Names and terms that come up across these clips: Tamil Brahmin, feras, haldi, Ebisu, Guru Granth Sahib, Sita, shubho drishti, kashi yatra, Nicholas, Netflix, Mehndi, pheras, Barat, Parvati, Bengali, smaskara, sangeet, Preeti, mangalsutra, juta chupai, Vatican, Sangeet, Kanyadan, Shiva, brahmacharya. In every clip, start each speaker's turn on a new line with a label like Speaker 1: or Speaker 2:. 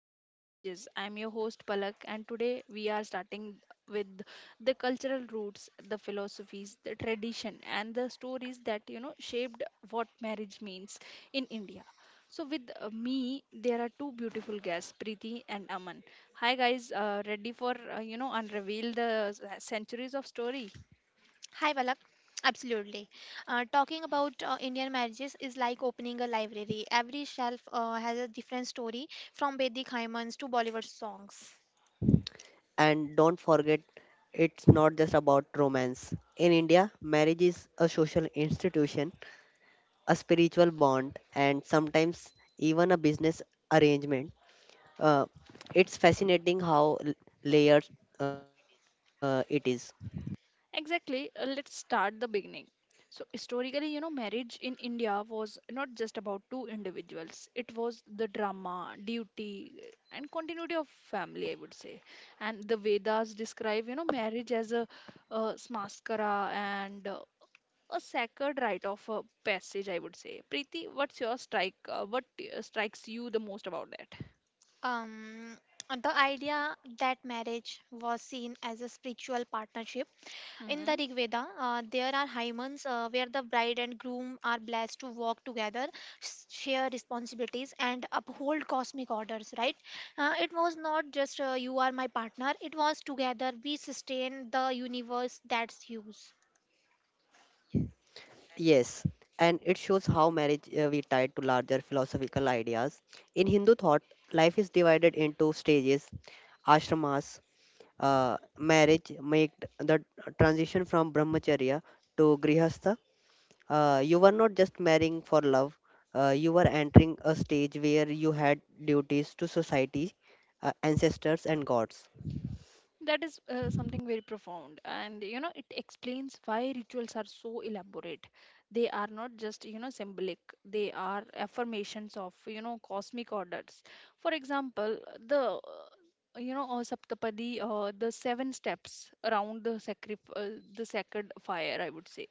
Speaker 1: Indian marriages. I'm your host, Palak, and today we are starting with the cultural roots, the philosophies, the tradition, and the stories that shaped what marriage means in India. So, with me, there are two beautiful guests, Preeti and Aman. Hi, guys. Ready for unravel the centuries of story?
Speaker 2: Hi, Balak. Absolutely. Talking about Indian marriages is like opening a library. Every shelf has a different story, from Vedic hymns to Bollywood songs.
Speaker 3: And don't forget, it's not just about romance. In India, marriage is a social institution, a spiritual bond, and sometimes even a business arrangement. Uh, it's fascinating how layered it is.
Speaker 1: Exactly. Let's start the beginning. So historically, marriage in India was not just about two individuals. It was the drama, duty, and continuity of family, I would say. And the Vedas describe, marriage as a smaskara and a sacred rite of passage, I would say. Preeti, what's your strike? What strikes you the most about that?
Speaker 2: Um, the idea that marriage was seen as a spiritual partnership. In the
Speaker 1: Mm-hmm.
Speaker 2: Rig Veda, there are hymens where the bride and groom are blessed to walk together, share responsibilities, and uphold cosmic orders, right? It was not just you are my partner, it was together we sustain the universe that's you.
Speaker 3: Yes, and it shows how marriage we tied to larger philosophical ideas. In Hindu thought, life is divided into stages, ashramas, marriage made the transition from brahmacharya to grihastha. You were not just marrying for love, you were entering a stage where you had duties to society, ancestors, and gods.
Speaker 1: That is something very profound, and it explains why rituals are so elaborate. They are not just symbolic; they are affirmations of cosmic orders. For example, the Saptapadi, the seven steps around the the sacred fire, I would say.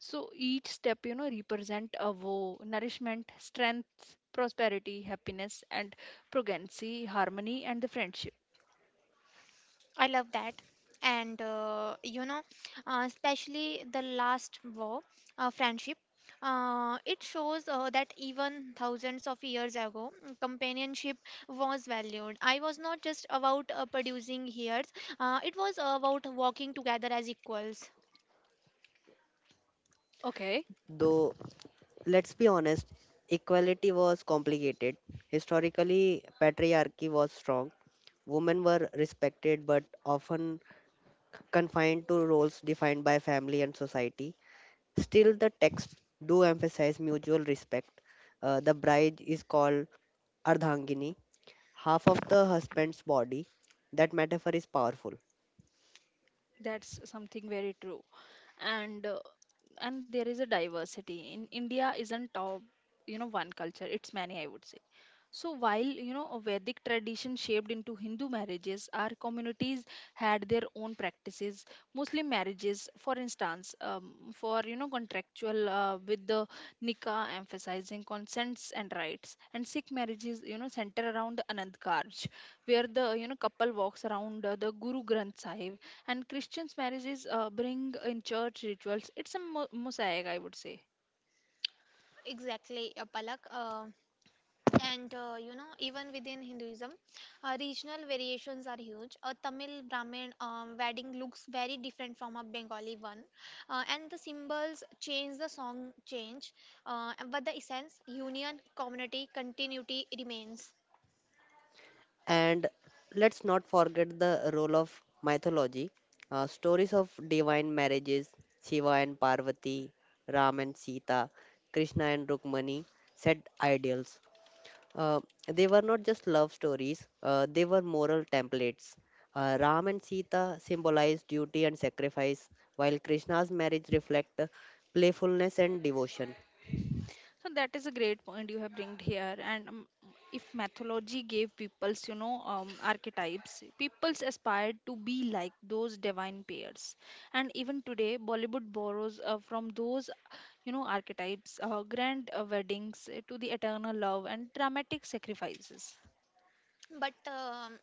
Speaker 1: So each step represent a vow, nourishment, strength, prosperity, happiness, and progeny, harmony, and the friendship.
Speaker 2: I love that. And, especially the last war, friendship, it shows that even thousands of years ago, companionship was valued. I was not just about producing heirs, it was about walking together as equals.
Speaker 1: Okay.
Speaker 3: Though, let's be honest, equality was complicated. Historically, patriarchy was strong. Women were respected but often confined to roles defined by family and society. Still, the texts do emphasize mutual respect. The bride is called Ardhangini, half of the husband's body. That metaphor is powerful.
Speaker 1: That's something very true. And uh, and there is a diversity. In India isn't one culture, it's many, I would say. So while a Vedic tradition shaped into Hindu marriages, our communities had their own practices. Muslim marriages, for instance, for contractual, with the nikah emphasizing consents and rights, and Sikh marriages center around the Anand Karj, where the couple walks around the Guru Granth Sahib, and Christians marriages bring in church rituals. It's a mosaic, I would say.
Speaker 2: Exactly, Palak. And even within Hinduism, regional variations are huge. A Tamil Brahmin wedding looks very different from a Bengali one, and the symbols change, the song change, but the essence, union, community, continuity remains.
Speaker 3: And let's not forget the role of mythology. Stories of divine marriages, Shiva and Parvati, Ram and Sita, Krishna and Rukmani, set ideals. Uh, they were not just love stories, they were moral templates. Ram and Sita symbolize duty and sacrifice, while Krishna's marriage reflect playfulness and devotion.
Speaker 1: So that is a great point you have bringed here. And if mythology gave peoples archetypes, peoples aspired to be like those divine pairs, and even today Bollywood borrows from those archetypes, grand weddings, to the eternal love and dramatic sacrifices.
Speaker 2: But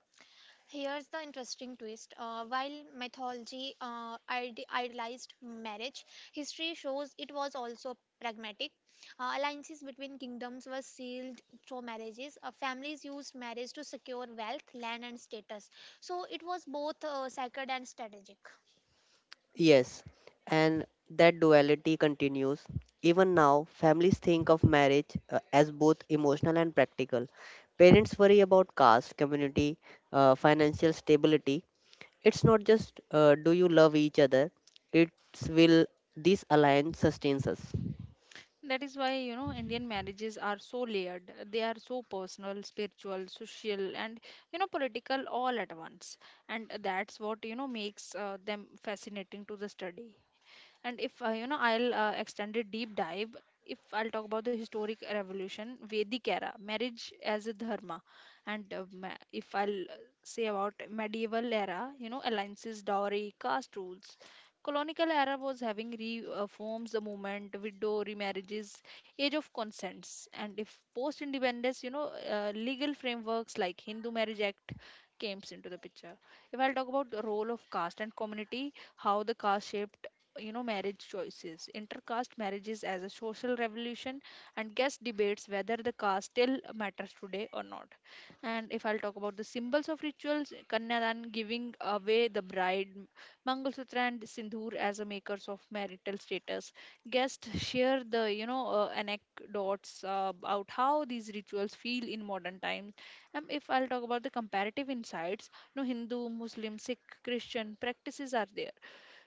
Speaker 2: Here's the interesting twist. While mythology idealized marriage, history shows it was also pragmatic. Alliances between kingdoms were sealed through marriages. Families used marriage to secure wealth, land, and status. So it was both sacred and strategic.
Speaker 3: Yes, and that duality continues. Even now, families think of marriage as both emotional and practical. Parents worry about caste, community, financial stability. It's not just do you love each other, it's will this alliance sustains us.
Speaker 1: That is why, Indian marriages are so layered. They are so personal, spiritual, social, and, political all at once. And that's what makes them fascinating to the study. And if I'll extend a deep dive, if I'll talk about the historic revolution, Vedic era marriage as a dharma, and if I'll say about medieval era, alliances, dowry, caste rules, colonial era was having reforms, the movement, widow remarriages, age of consents, and if post independence, legal frameworks like Hindu Marriage Act came into the picture. If I'll talk about the role of caste and community, how the caste shaped marriage choices, intercaste marriages as a social revolution, and guest debates whether the caste still matters today or not. And if I'll talk about the symbols of rituals, kanyadan, giving away the bride, mangalsutra and sindoor as a makers of marital status, guests share the anecdotes about how these rituals feel in modern times. And if I'll talk about the comparative insights, no Hindu, Muslim, Sikh, Christian practices are there,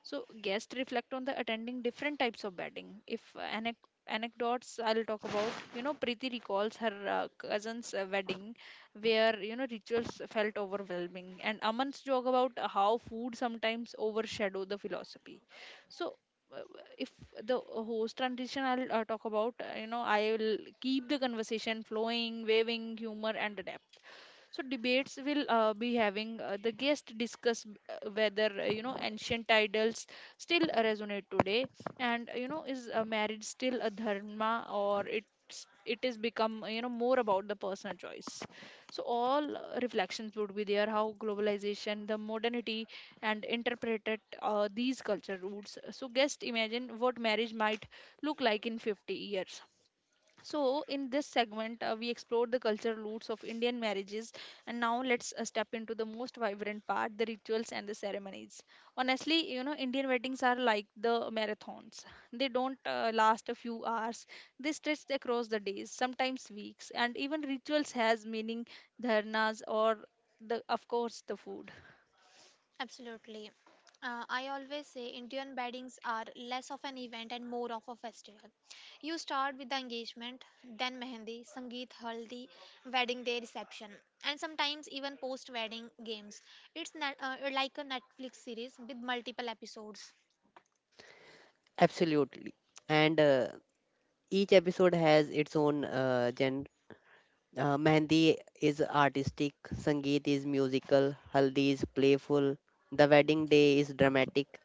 Speaker 1: so guests reflect on the attending different types of batting. If anecdotes I'll talk about, Preeti recalls her cousin's wedding where, rituals felt overwhelming. And Aman's joke about how food sometimes overshadow the philosophy. So, uh, if the host transition, I'll talk about, I will keep the conversation flowing, waving humor and depth. So debates will be having, the guest discuss whether ancient titles still resonate today, and is marriage still a dharma, or it is become more about the personal choice. So all reflections would be there, how globalization, the modernity and interpreted these culture roots. So guest imagine what marriage might look like in 50 years. So, in this segment, we explored the cultural roots of Indian marriages, and now let's step into the most vibrant part, the rituals and the ceremonies. Honestly, Indian weddings are like the marathons, they don't last a few hours, they stretch across the days, sometimes weeks, and even rituals has meaning, dharnas, or of course, the food.
Speaker 2: Absolutely. I always say Indian weddings are less of an event and more of a festival. You start with the engagement, then mehendi, sangeet, haldi, wedding day reception, and sometimes even post wedding games. It's like a Netflix series with multiple episodes.
Speaker 3: Absolutely. And each episode has its own genre. Mehndi is artistic, Sangeet is musical, Haldi is playful, the wedding day is dramatic,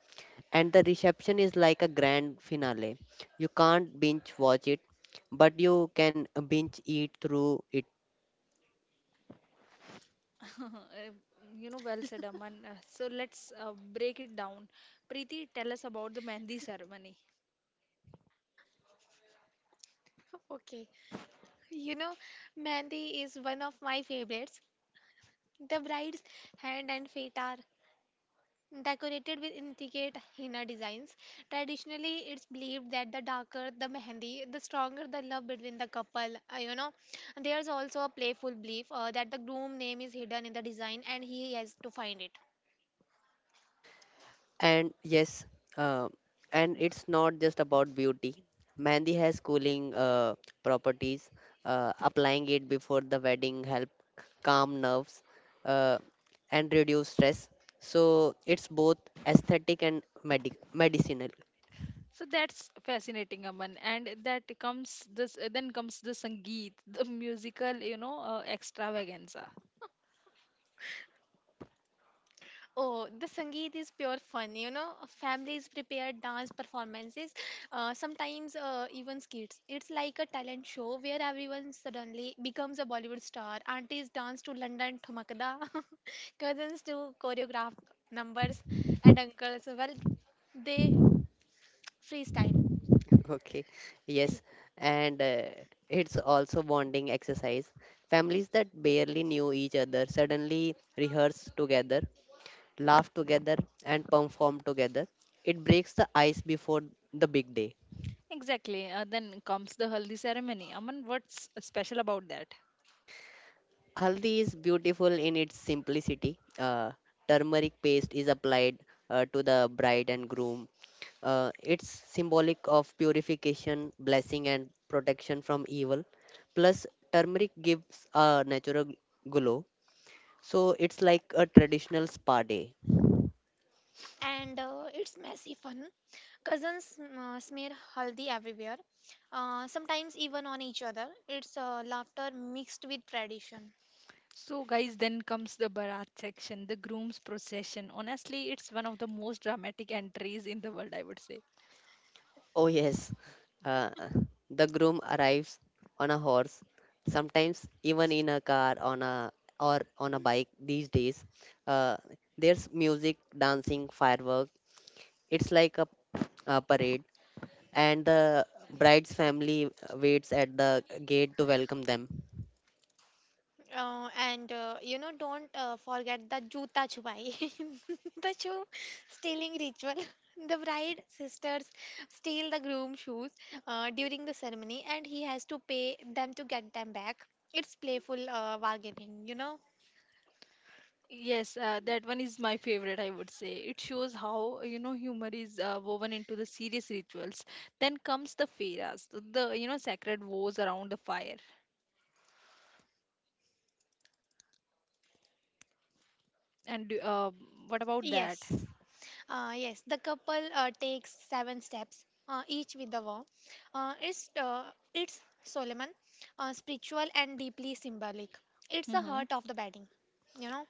Speaker 3: and the reception is like a grand finale. You can't binge watch it, but you can binge eat through it.
Speaker 1: Well said, Aman. So let's break it down. Preeti, tell us about the Mehndi ceremony.
Speaker 2: Okay, you know, Mehndi is one of my favorites. The bride's hand and feet are decorated with intricate henna designs. Traditionally, it's believed that the darker the mehendi, the stronger the love between the couple. There's also a playful belief that the groom name is hidden in the design and he has to find it.
Speaker 3: And yes, uh, and it's not just about beauty. Mehndi has cooling properties. Applying it before the wedding help calm nerves uh, and reduce stress. So it's both aesthetic and medicinal.
Speaker 1: So that's fascinating, Aman. And that comes this then comes the Sangeet, the musical, extravaganza.
Speaker 2: Oh, the Sangeet is pure fun. Families prepare dance performances, sometimes even skits. It's like a talent show where everyone suddenly becomes a Bollywood star. Aunties dance to London Thumakda, cousins do choreographed numbers, and uncles, well, they freestyle.
Speaker 3: Okay, yes, and it's also bonding exercise. Families that barely knew each other suddenly rehearse together, laugh together, and perform together. It breaks the ice before the big day.
Speaker 1: Exactly. Then comes the haldi ceremony. Aman, what's special about that?
Speaker 3: Haldi is beautiful in its simplicity. Turmeric paste is applied to the bride and groom. It's symbolic of purification, blessing, and protection from evil. Plus, turmeric gives a natural glow, so it's like a traditional spa day.
Speaker 2: And it's messy fun. Cousins smear haldi everywhere, sometimes even on each other. It's laughter mixed with tradition.
Speaker 1: So, guys, then comes the Barat section, the groom's procession. Honestly, it's one of the most dramatic entries in the world, I would say.
Speaker 3: Oh, yes. Uh, the groom arrives on a horse, sometimes even in a car on a or on a bike these days. Uh, there's music, dancing, firework. It's like a parade, and the bride's family waits at the gate to welcome them.
Speaker 2: And don't forget the juta chupai, the shoe stealing ritual. The bride sisters steal the groom's shoes during the ceremony, and he has to pay them to get them back. It's playful bargaining.
Speaker 1: Yes, that one is my favorite, I would say. It shows how, humor is woven into the serious rituals. Then comes the feras, sacred vows around the fire. And what about that?
Speaker 2: Yes. Yes, the couple takes seven steps, each with the vow. Uh, it's uh, it's Solomon, spiritual and deeply symbolic. It's the
Speaker 1: Hmm.
Speaker 2: heart of the wedding, you know.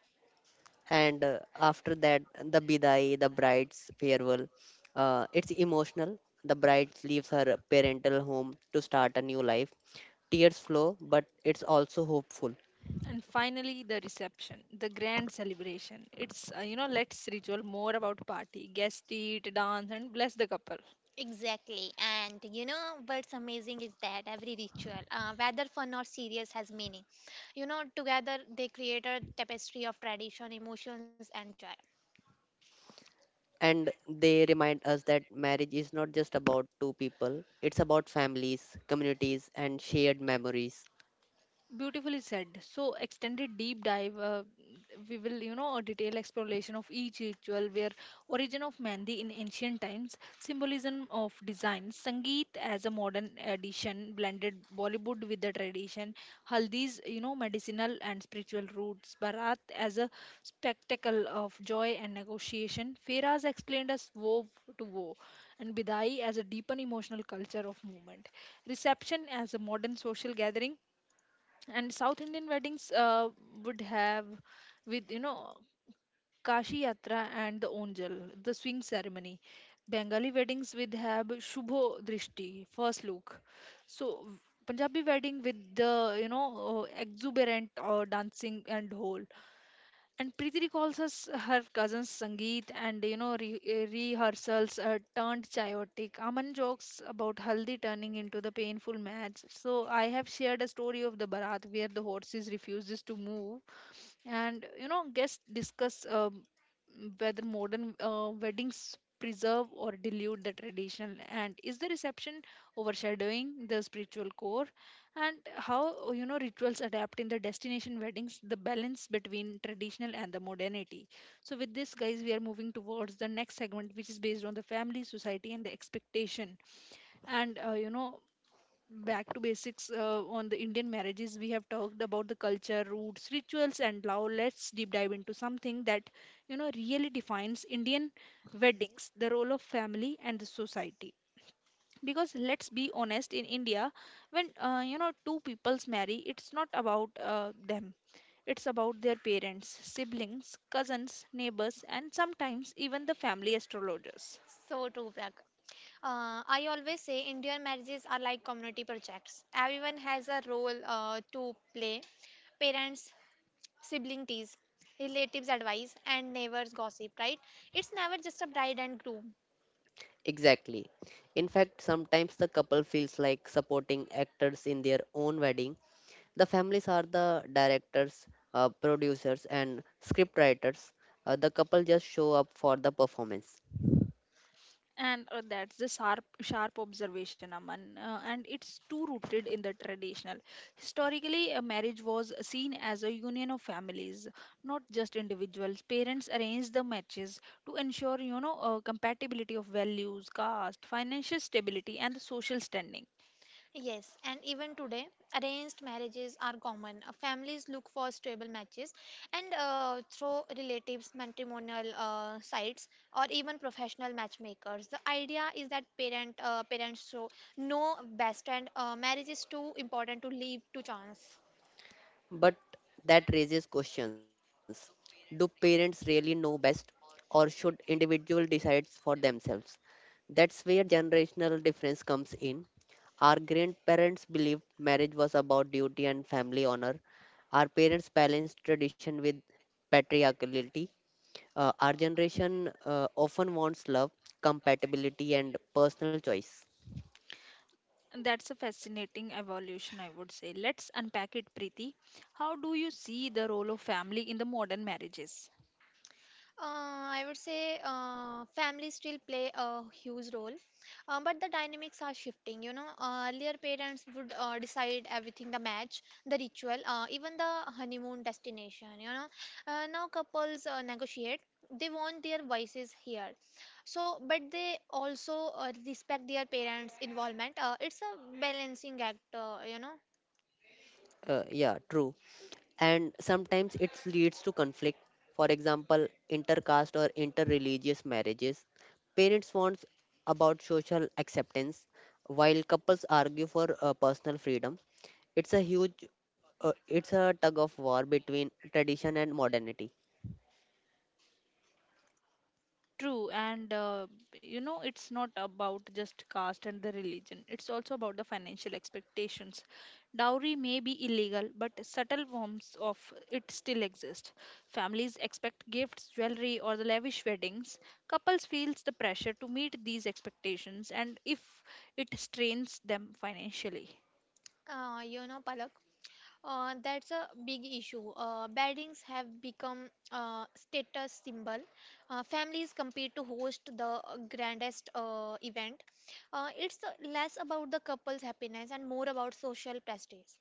Speaker 3: And after that, the bidai, the bride's farewell. It's emotional. The bride leaves her parental home to start a new life, tears flow, but it's also hopeful.
Speaker 1: And finally, the reception, the grand celebration. It's, let's ritual more about party, guest eat, dance, and bless the couple.
Speaker 2: Exactly. And you know what's amazing is that every ritual, whether fun or serious, has meaning. Together they create a tapestry of tradition, emotions, and joy.
Speaker 3: And they remind us that marriage is not just about two people, it's about families, communities, and shared memories.
Speaker 1: Beautifully said. So, extended deep dive. We will a detailed exploration of each ritual, where origin of Mehndi in ancient times, symbolism of design, Sangeet as a modern addition, blended Bollywood with the tradition, Haldi's, medicinal and spiritual roots, Bharat as a spectacle of joy and negotiation, Feras explained us woe to woe, and Bidai as a deepen emotional culture of movement, reception as a modern social gathering, and South Indian weddings would have with kashi yatra and the onjal, the swing ceremony. Bengali weddings with have shubho drishti, first look. So Punjabi wedding with the exuberant dancing and whole. And Preeti recalls us her cousin's Sangeet, and rehearsals turned chaotic. Aman jokes about Haldi turning into the painful match. So I have shared a story of the Bharat where the horses refuses to move, and guests discuss whether modern weddings preserve or dilute the traditional, and is the reception overshadowing the spiritual core, and how rituals adapt in the destination weddings, the balance between traditional and the modernity. So with this, guys, we are moving towards the next segment, which is based on the family, society and the expectation. And uh, you know back to basics on the Indian marriages. We have talked about the culture, roots, rituals, and now let's deep dive into something that really defines Indian weddings, the role of family and the society. Because let's be honest, in India, when two peoples marry, it's not about them. It's about their parents, siblings, cousins, neighbors, and sometimes even the family astrologers.
Speaker 2: So true, Prakash. I always say Indian marriages are like community projects. Everyone has a role to play. Parents, sibling tease, relatives advice, and neighbors gossip, right? It's never just a bride and groom.
Speaker 3: Exactly. In fact, sometimes the couple feels like supporting actors in their own wedding. The families are the directors, producers, and scriptwriters. The couple just show up for the performance.
Speaker 1: And that's the sharp, sharp observation, Aman. And it's too rooted in the traditional. Historically, a marriage was seen as a union of families, not just individuals. Parents arranged the matches to ensure, compatibility of values, caste, financial stability, and the social standing.
Speaker 2: Yes, and even today, arranged marriages are common. Families look for stable matches and through relatives, matrimonial sites, or even professional matchmakers. The idea is that parents show know best, and marriage is too important to leave to chance.
Speaker 3: But that raises questions. Do parents really know best or should individual decide for themselves? That's where generational difference comes in. Our grandparents believed marriage was about duty and family honor. Our parents balanced tradition with patriarchality. Our generation often wants love, compatibility, and personal choice.
Speaker 1: And that's a fascinating evolution, I would say. Let's unpack it, Preeti. How do you see the role of family in the modern marriages?
Speaker 2: I would say families still play a huge role, but the dynamics are shifting. Earlier parents would decide everything the match, the ritual, even the honeymoon destination. Now couples negotiate, they want their voices here, so, but they also respect their parents' involvement. It's a balancing act.
Speaker 3: Yeah, true. And sometimes it leads to conflict, for example intercaste or interreligious marriages, parents want about social acceptance while couples argue for personal freedom. It's a huge, it's a tug of war between tradition and modernity.
Speaker 1: True, and it's not about just caste and the religion. It's also about the financial expectations. Dowry may be illegal, but subtle forms of it still exist. Families expect gifts, jewelry, or the lavish weddings. Couples feels the pressure to meet these expectations, and if it strains them financially.
Speaker 2: Palak. That's a big issue. Weddings have become a status symbol. Families compete to host the grandest event. It's less about the couple's happiness and more about social prestige.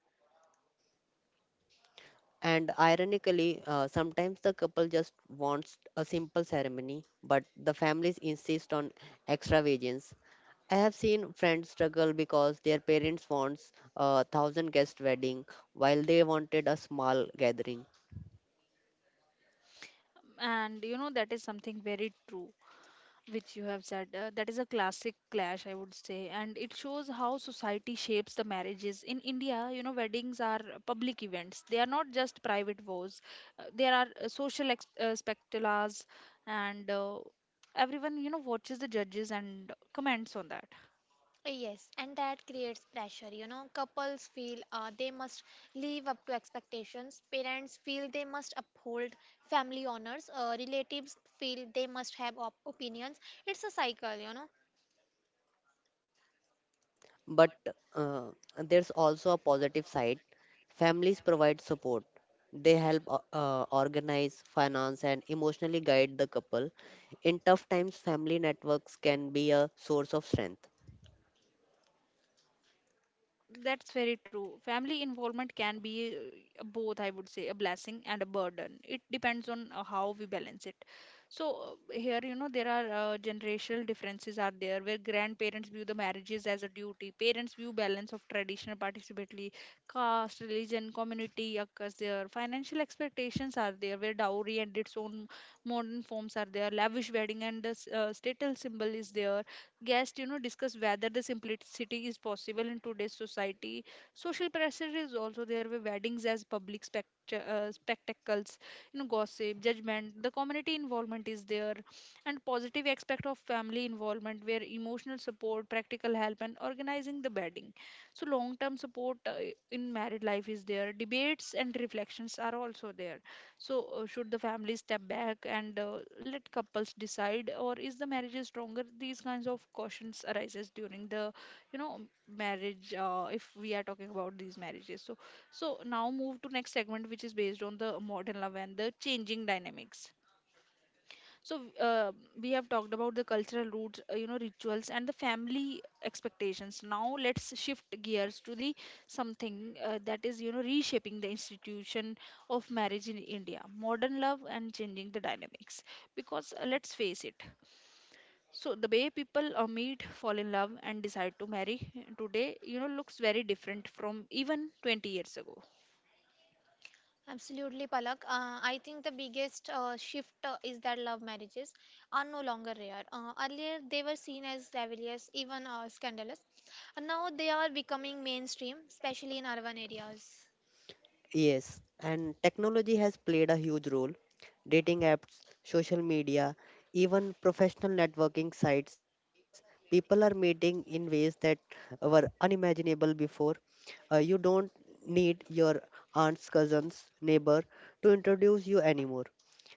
Speaker 3: And ironically, sometimes the couple just wants a simple ceremony, but the families insist on extravagance. I have seen friends struggle because their parents wants a thousand guest wedding while they wanted a small gathering.
Speaker 1: And that is something very true, which you have said. That is a classic clash, I would say, and it shows how society shapes the marriages in India. Weddings are public events, they are not just private vows. There are social spectaculars, and everyone watches the judges and comments on that.
Speaker 2: Yes, and that creates pressure. Couples feel they must live up to expectations. Parents feel they must uphold family honors. Relatives feel they must have opinions. It's a cycle.
Speaker 3: But uh, there's also a positive side. Families provide support. They help organize, finance, and emotionally guide the couple. In tough times, family networks can be a source of strength.
Speaker 1: That's very true. Family involvement can be both, I would say, a blessing and a burden. It depends on how we balance it. Here there are generational differences are there where grandparents view the marriages as a duty, parents view balance of traditional participatory caste, religion, community occurs there, financial expectations are there where dowry and its own modern forms are there, lavish wedding and the statal symbol is there guest discuss whether the simplicity is possible in today's society social pressure is also there with weddings as public spectacles gossip judgment the community involvement is there and positive aspect of family involvement where emotional support practical help and organizing the wedding so long term support in married life is there debates and reflections are also there So should the family step back and let couples decide, or is the marriage is stronger? These kinds of cautions arises during the, you know, marriage. If we are talking about these marriages, so now move to next segment, which is based on the modern love and the changing dynamics. So uh, we have talked about the cultural roots, rituals and the family expectations. Now let's shift gears to the something that is, reshaping the institution of marriage in India, modern love and changing the dynamics. Because let's face it, so the way people meet, fall in love, and decide to marry today, looks very different from even 20 years ago.
Speaker 2: Absolutely, Palak. I think the biggest shift is that love marriages are no longer rare. Earlier, they were seen as rebellious, even scandalous. And now they are becoming mainstream, especially in urban areas.
Speaker 3: Yes, and technology has played a huge role. Dating apps, social media, even professional networking sites, people are meeting in ways that were unimaginable before. You don't need your aunt's cousin's neighbor to introduce you anymore.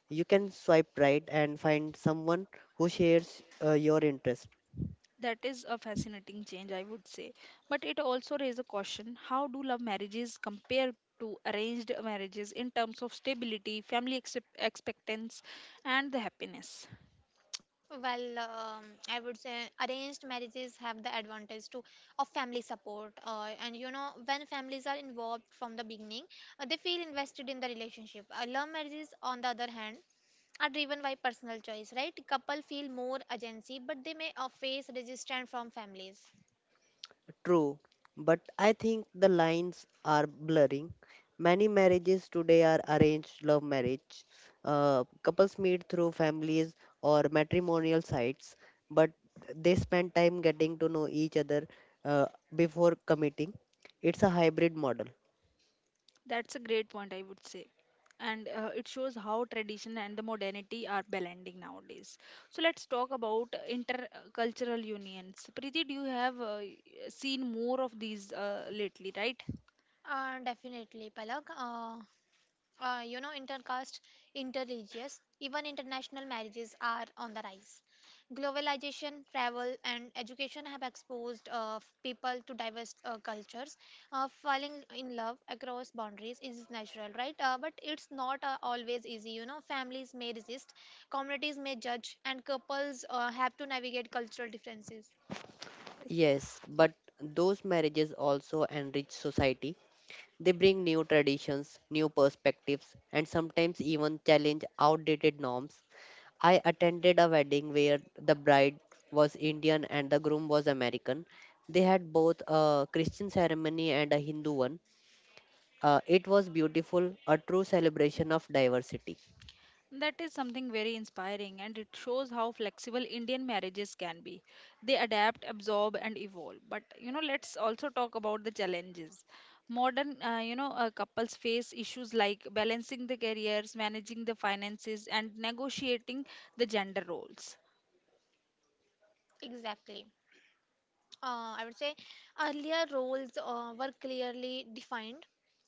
Speaker 3: You can swipe right and find someone who shares your interest.
Speaker 1: That is a fascinating change, I would say. But it also raises a question how do love marriages compare to arranged marriages in terms of stability, family excep expectance, and the happiness?
Speaker 2: Well, I would say arranged marriages have the advantage to of family support, and when families are involved from the beginning, they feel invested in the relationship. Love marriages, on the other hand, are driven by personal choice, right? Couple feel more agency, but they may face resistance from families.
Speaker 3: True, but I think the lines are blurring. Many marriages today are arranged love marriage. Couples meet through families or matrimonial sites, but they spend time getting to know each other uh, before committing. It's a hybrid model.
Speaker 1: That's a great point, I would say. And it shows how tradition and the modernity are blending nowadays. So let's talk about intercultural unions. Preeti, do you have seen more of these lately, right?
Speaker 2: Definitely, Palak. Intercaste, interreligious, even international marriages are on the rise. Globalization, travel, and education have exposed people to diverse cultures. Falling in love across boundaries is natural, right? But it's not always easy. Families may resist, communities may judge, and couples have to navigate cultural differences.
Speaker 3: Yes, but those marriages also enrich society. They bring new traditions, new perspectives, and sometimes even challenge outdated norms. I attended a wedding where the bride was Indian and the groom was American. They had both a Christian ceremony and a Hindu one. It was beautiful, a true celebration of diversity.
Speaker 1: That is something very inspiring, and it shows how flexible Indian marriages can be. They adapt, absorb, and evolve. But you know, let's also talk about the challenges. Modern couples face issues like balancing the careers, managing the finances, and negotiating the gender roles.
Speaker 2: Exactly. I would say earlier roles were clearly defined.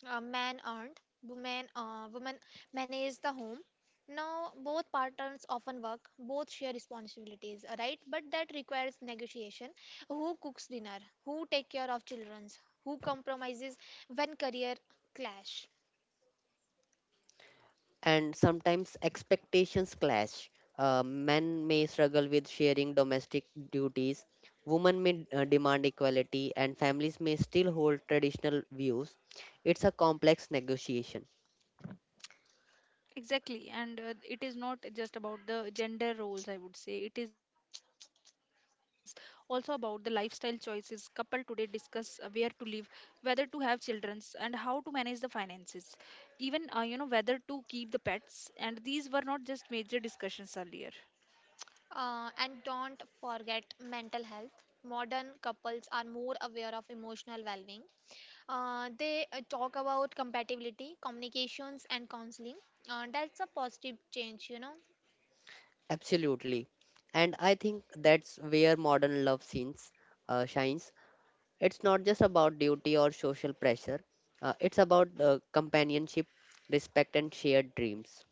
Speaker 2: Man earned, woman managed the home. Now both partners often work, both share responsibilities, right? But that requires negotiation. Who cooks dinner? Who take care of childrens? Who compromises when career clash?
Speaker 3: And sometimes expectations clash. Men may struggle with sharing domestic duties, women may demand equality, and families may still hold traditional views. It's a complex negotiation.
Speaker 1: Exactly, and it is not just about the gender roles, I would say. It is also about the lifestyle choices. Couple today discuss where to live, whether to have children, and how to manage the finances. Even, whether to keep the pets. And these were not just major discussions earlier.
Speaker 2: And don't forget mental health. Modern couples are more aware of emotional well-being. They talk about compatibility, communications, and counseling. That's a positive change.
Speaker 3: Absolutely. And I think that's where modern love scenes shines. It's not just about duty or social pressure. It's about companionship, respect, and shared dreams.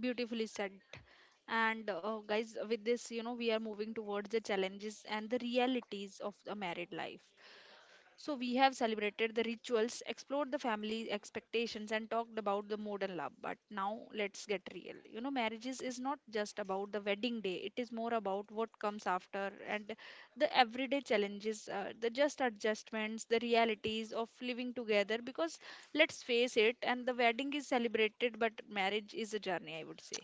Speaker 1: Beautifully said. And guys, with this, we are moving towards the challenges and the realities of a married life. So, we have celebrated the rituals, explored the family expectations, and talked about the modern love. But now, let's get real. You know, marriages is not just about the wedding day, it is more about what comes after and the everyday challenges, the just adjustments, the realities of living together. Because let's face it, and the wedding is celebrated, but marriage is a journey, I would say.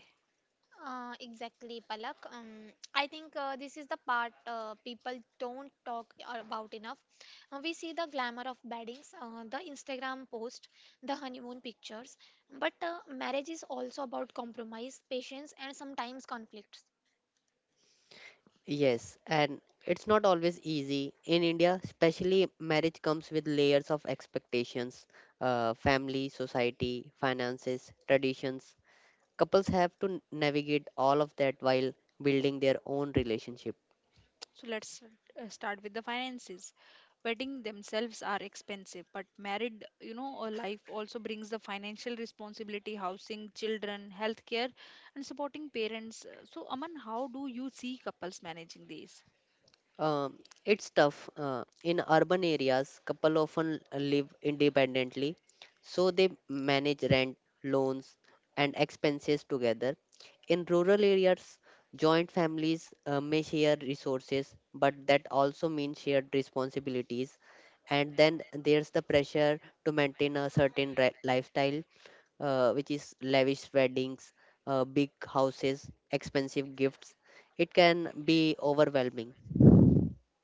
Speaker 2: Exactly, Palak. I think this is the part people don't talk about enough. We see the glamour of weddings, the Instagram post, the honeymoon pictures, but marriage is also about compromise, patience, and sometimes conflicts.
Speaker 3: Yes, and it's not always easy. In India, especially, marriage comes with layers of expectations, family, society, finances, traditions. Couples have to navigate all of that while building their own relationship.
Speaker 1: So let's start with the finances. Wedding themselves are expensive, but married, a life also brings the financial responsibility, housing, children, healthcare, and supporting parents. So, Aman, how do you see couples managing these?
Speaker 3: Um, it's tough. In urban areas, couple often live independently, so they manage rent, loans, and expenses together. In rural areas, joint families may share resources, but that also means shared responsibilities. And then there's the pressure to maintain a certain lifestyle, which is lavish weddings, big houses, expensive gifts. It can be overwhelming.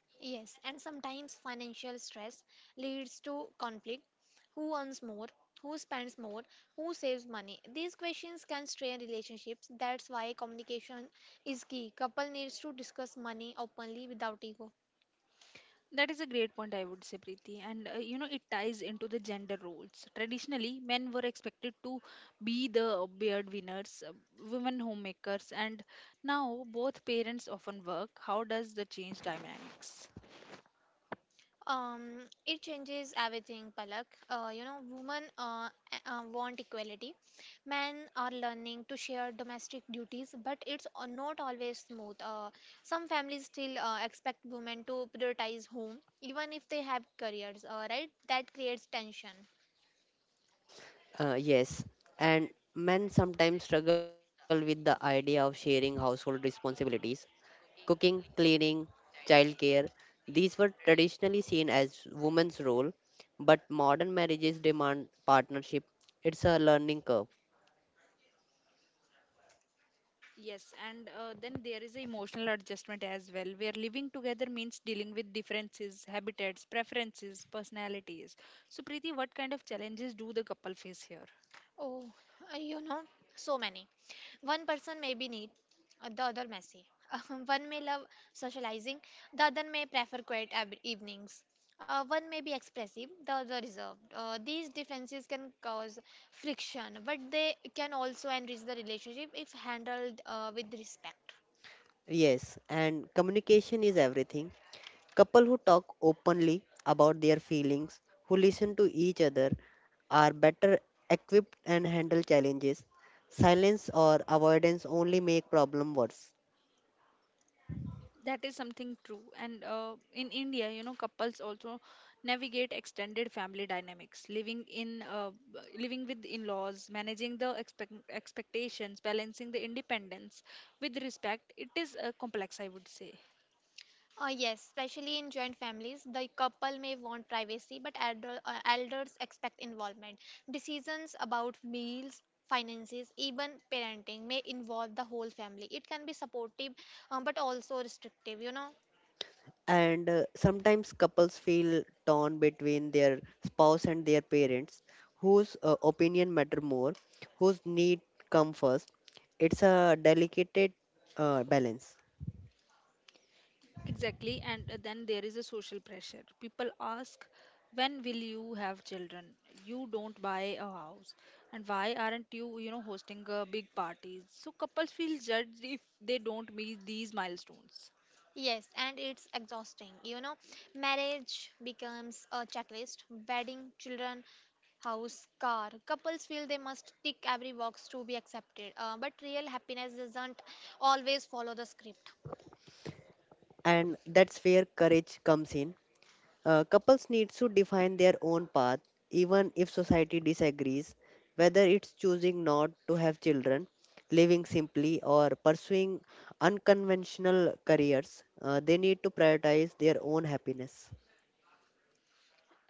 Speaker 2: Yes, and sometimes financial stress leads to conflict. Who earns more? Who spends more? Who saves money? These questions can strain relationships. That's why communication is key. Couple needs to discuss money openly without ego.
Speaker 1: That is a great point, I would say, Preeti. And it ties into the gender roles. Traditionally, men were expected to be the beard winners, women homemakers, and now both parents often work. How does the change dynamics?
Speaker 2: It changes everything, Palak. Women want equality. Men are learning to share domestic duties, but it's not always smooth. Some families still expect women to prioritize home, even if they have careers, right? That creates tension.
Speaker 3: Yes, and men sometimes struggle with the idea of sharing household responsibilities. Cooking, cleaning, childcare, these were traditionally seen as women's role, but modern marriages demand partnership. It's a learning curve.
Speaker 1: Yes, and then there is emotional adjustment as well, where living together means dealing with differences, habitats, preferences, personalities. So, Preeti, what kind of challenges do the couple face here?
Speaker 2: Oh, uh, you know, so many. One person may be neat, the other messy. One may love socializing, the other may prefer quiet evenings. One may be expressive, the other reserved. These differences can cause friction, but they can also enrich the relationship if handled with respect.
Speaker 3: Yes, and communication is everything. Couple who talk openly about their feelings, who listen to each other, are better equipped and handle challenges. Silence or avoidance only make problem worse.
Speaker 1: That is something true. And in India, couples also navigate extended family dynamics, living in living with in-laws, managing the expectations, balancing the independence with respect. It is complex, I would say.
Speaker 2: Yes, especially in joint families, the couple may want privacy, but elders expect involvement. Decisions about meals, finances, even parenting may involve the whole family. It can be supportive, but also restrictive.
Speaker 3: And sometimes couples feel torn between their spouse and their parents, whose opinion matter more, whose need come first. It's a delicate balance,
Speaker 1: Exactly, and then there is a social pressure. People ask, when will you have children? You don't buy a house, and why aren't you, hosting a big parties? So couples feel judged if they don't meet these milestones.
Speaker 2: Yes, and it's exhausting. Marriage becomes a checklist, wedding, children, house, car. Couples feel they must tick every box to be accepted, but real happiness doesn't always follow the script.
Speaker 3: and that's where courage comes in. Couples need to define their own path, even if society disagrees, whether it's choosing not to have children, living simply, or pursuing unconventional careers. They need to prioritize their own happiness.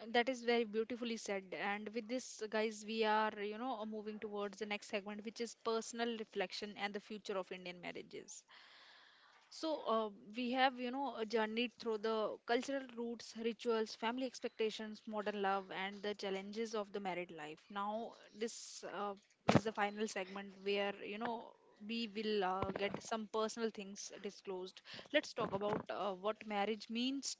Speaker 1: That is very beautifully said. And with this, guys, we are, moving towards the next segment, which is personal reflection and the future of Indian marriages. So uh, we have, journeyed through the cultural roots, rituals, family expectations, modern love, and the challenges of the married life. Now this is the final segment where we will get some personal things disclosed. Let's talk about what marriage means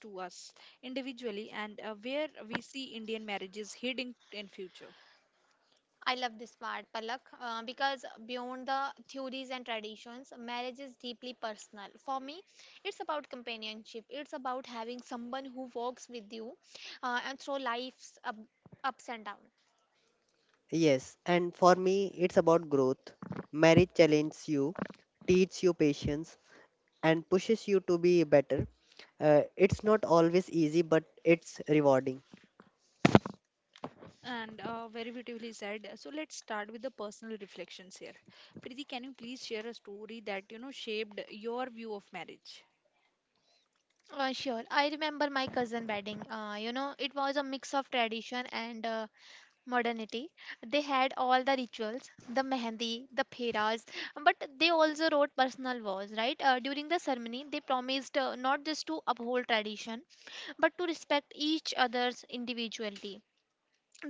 Speaker 2: I love this part, Palak, because beyond the theories and traditions, marriage is deeply personal. For me, it's about companionship. It's about having someone who walks with you and through life's ups and downs.
Speaker 3: Yes, and for me, it's about growth. Marriage challenges you, teaches you patience, and pushes you to be better. It's not always easy, but it's rewarding.
Speaker 1: And very beautifully said. So let's start with the personal reflections here. Preeti, can you please share a story that shaped your view of marriage?
Speaker 2: Sure, I remember my cousin wedding. It was a mix of tradition and modernity. They had all the rituals, the mehendi, the pheras, but they also wrote personal vows, right? During the ceremony, they promised not just to uphold tradition, but to respect each other's individuality.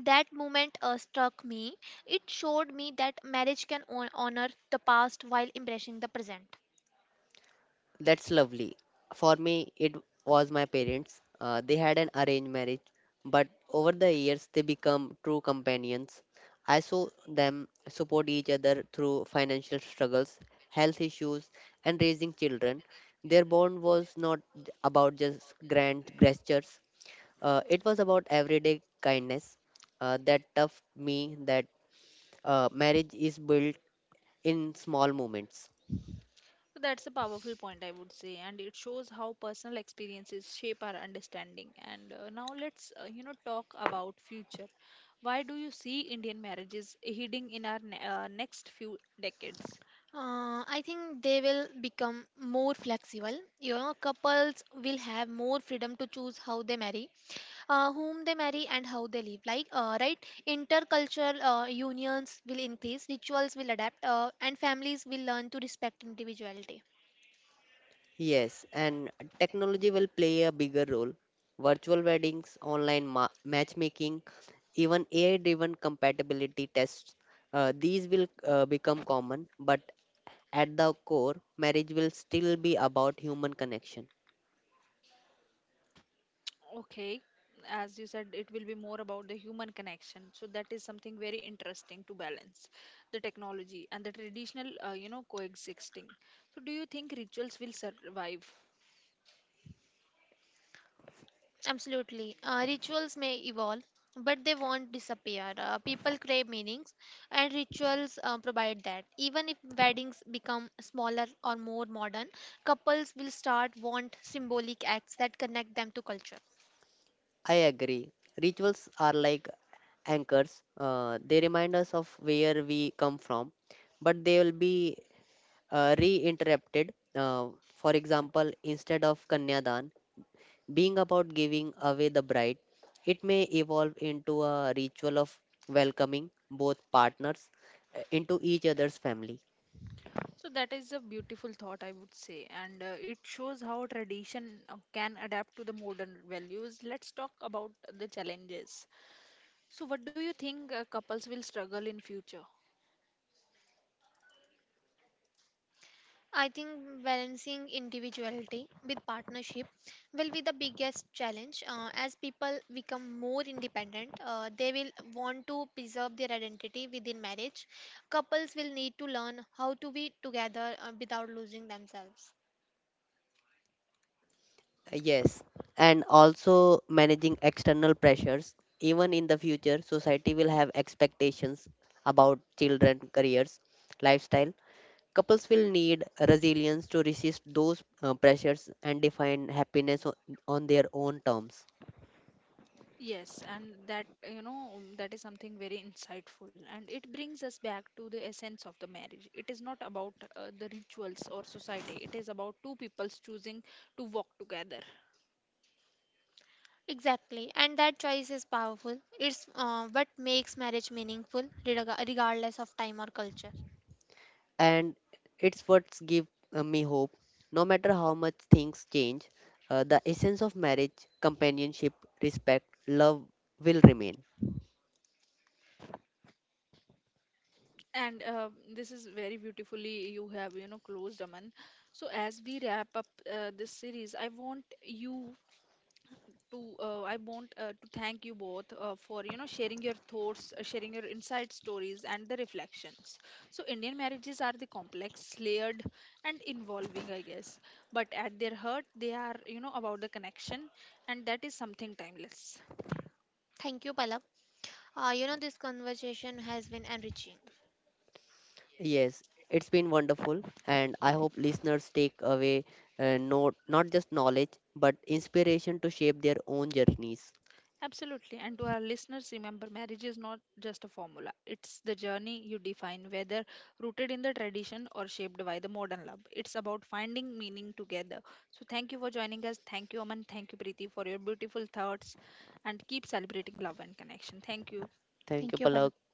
Speaker 2: That moment struck me. It showed me that marriage can honor the past while embracing the present.
Speaker 3: That's lovely. For me, it was my parents. They had an arranged marriage, but over the years, they become true companions. I saw them support each other through financial struggles, health issues, and raising children. Their bond was not about just grand gestures, it was about everyday kindness that tough me that marriage is built in small moments.
Speaker 1: So that's a powerful point, I would say, and it shows how personal experiences shape our understanding. And now let's talk about future. Why do you see Indian marriages heading in our next few decades?
Speaker 2: I think they will become more flexible. Couples will have more freedom to choose how they marry, whom they marry, and how they live. Like, right, intercultural unions will increase, rituals will adapt, and families will learn to respect individuality.
Speaker 3: Yes, and technology will play a bigger role. Virtual weddings, online matchmaking, even AI-driven compatibility tests, these will become common, but at the core, marriage will still be about human connection.
Speaker 1: Okay, as you said, it will be more about the human connection. So that is something very interesting to balance the technology and the traditional, coexisting. So do you think rituals will survive?
Speaker 2: Absolutely. Rituals may evolve, but they won't disappear. People crave meanings, and rituals provide that. Even if weddings become smaller or more modern, couples will start want symbolic acts that connect them to culture.
Speaker 3: I agree. Rituals are like anchors. They remind us of where we come from, but they will be reinterrupted. For example, instead of Kanyadan, being about giving away the bride, it may evolve into a ritual of welcoming both partners into each other's family.
Speaker 1: So that is a beautiful thought, I would say, and it shows how tradition can adapt to the modern values. Let's talk about the challenges. So what do you think couples will struggle in future?
Speaker 2: I think balancing individuality with partnership will be the biggest challenge. As people become more independent, they will want to preserve their identity within marriage. Couples will need to learn how to be together without losing themselves.
Speaker 3: Yes, and also managing external pressures. Even in the future, society will have expectations about children, careers, lifestyle. Couples will need resilience to resist those pressures and define happiness on their own terms.
Speaker 1: Yes, and that, that is something very insightful. And it brings us back to the essence of the marriage. It is not about the rituals or society, it is about two peoples choosing to walk together.
Speaker 2: Exactly, and that choice is powerful. It's what makes marriage meaningful, regardless of time or culture.
Speaker 3: And it's what's give me hope. No matter how much things change, the essence of marriage, companionship, respect, love, will remain.
Speaker 1: And this is very beautifully you have, closed, Aman. So, as we wrap up this series, I want to thank you both for sharing your thoughts, sharing your inside stories and the reflections. So Indian marriages are the complex, layered and involving, I guess. But at their heart, they are about the connection, and that is something timeless.
Speaker 2: Thank you, Palak. This conversation has been enriching.
Speaker 3: Yes, it's been wonderful, and I hope listeners take away, no, not just knowledge but inspiration to shape their own journeys.
Speaker 1: Absolutely. And to our listeners, remember marriage is not just a formula, it's the journey you define, whether rooted in the tradition or shaped by the modern love. It's about finding meaning together. So, thank you for joining us. Thank you, Aman. Thank you, Preeti, for your beautiful thoughts. And keep celebrating love and connection. Thank you.
Speaker 3: Thank you,
Speaker 2: Thank you, Palak.
Speaker 3: Palak.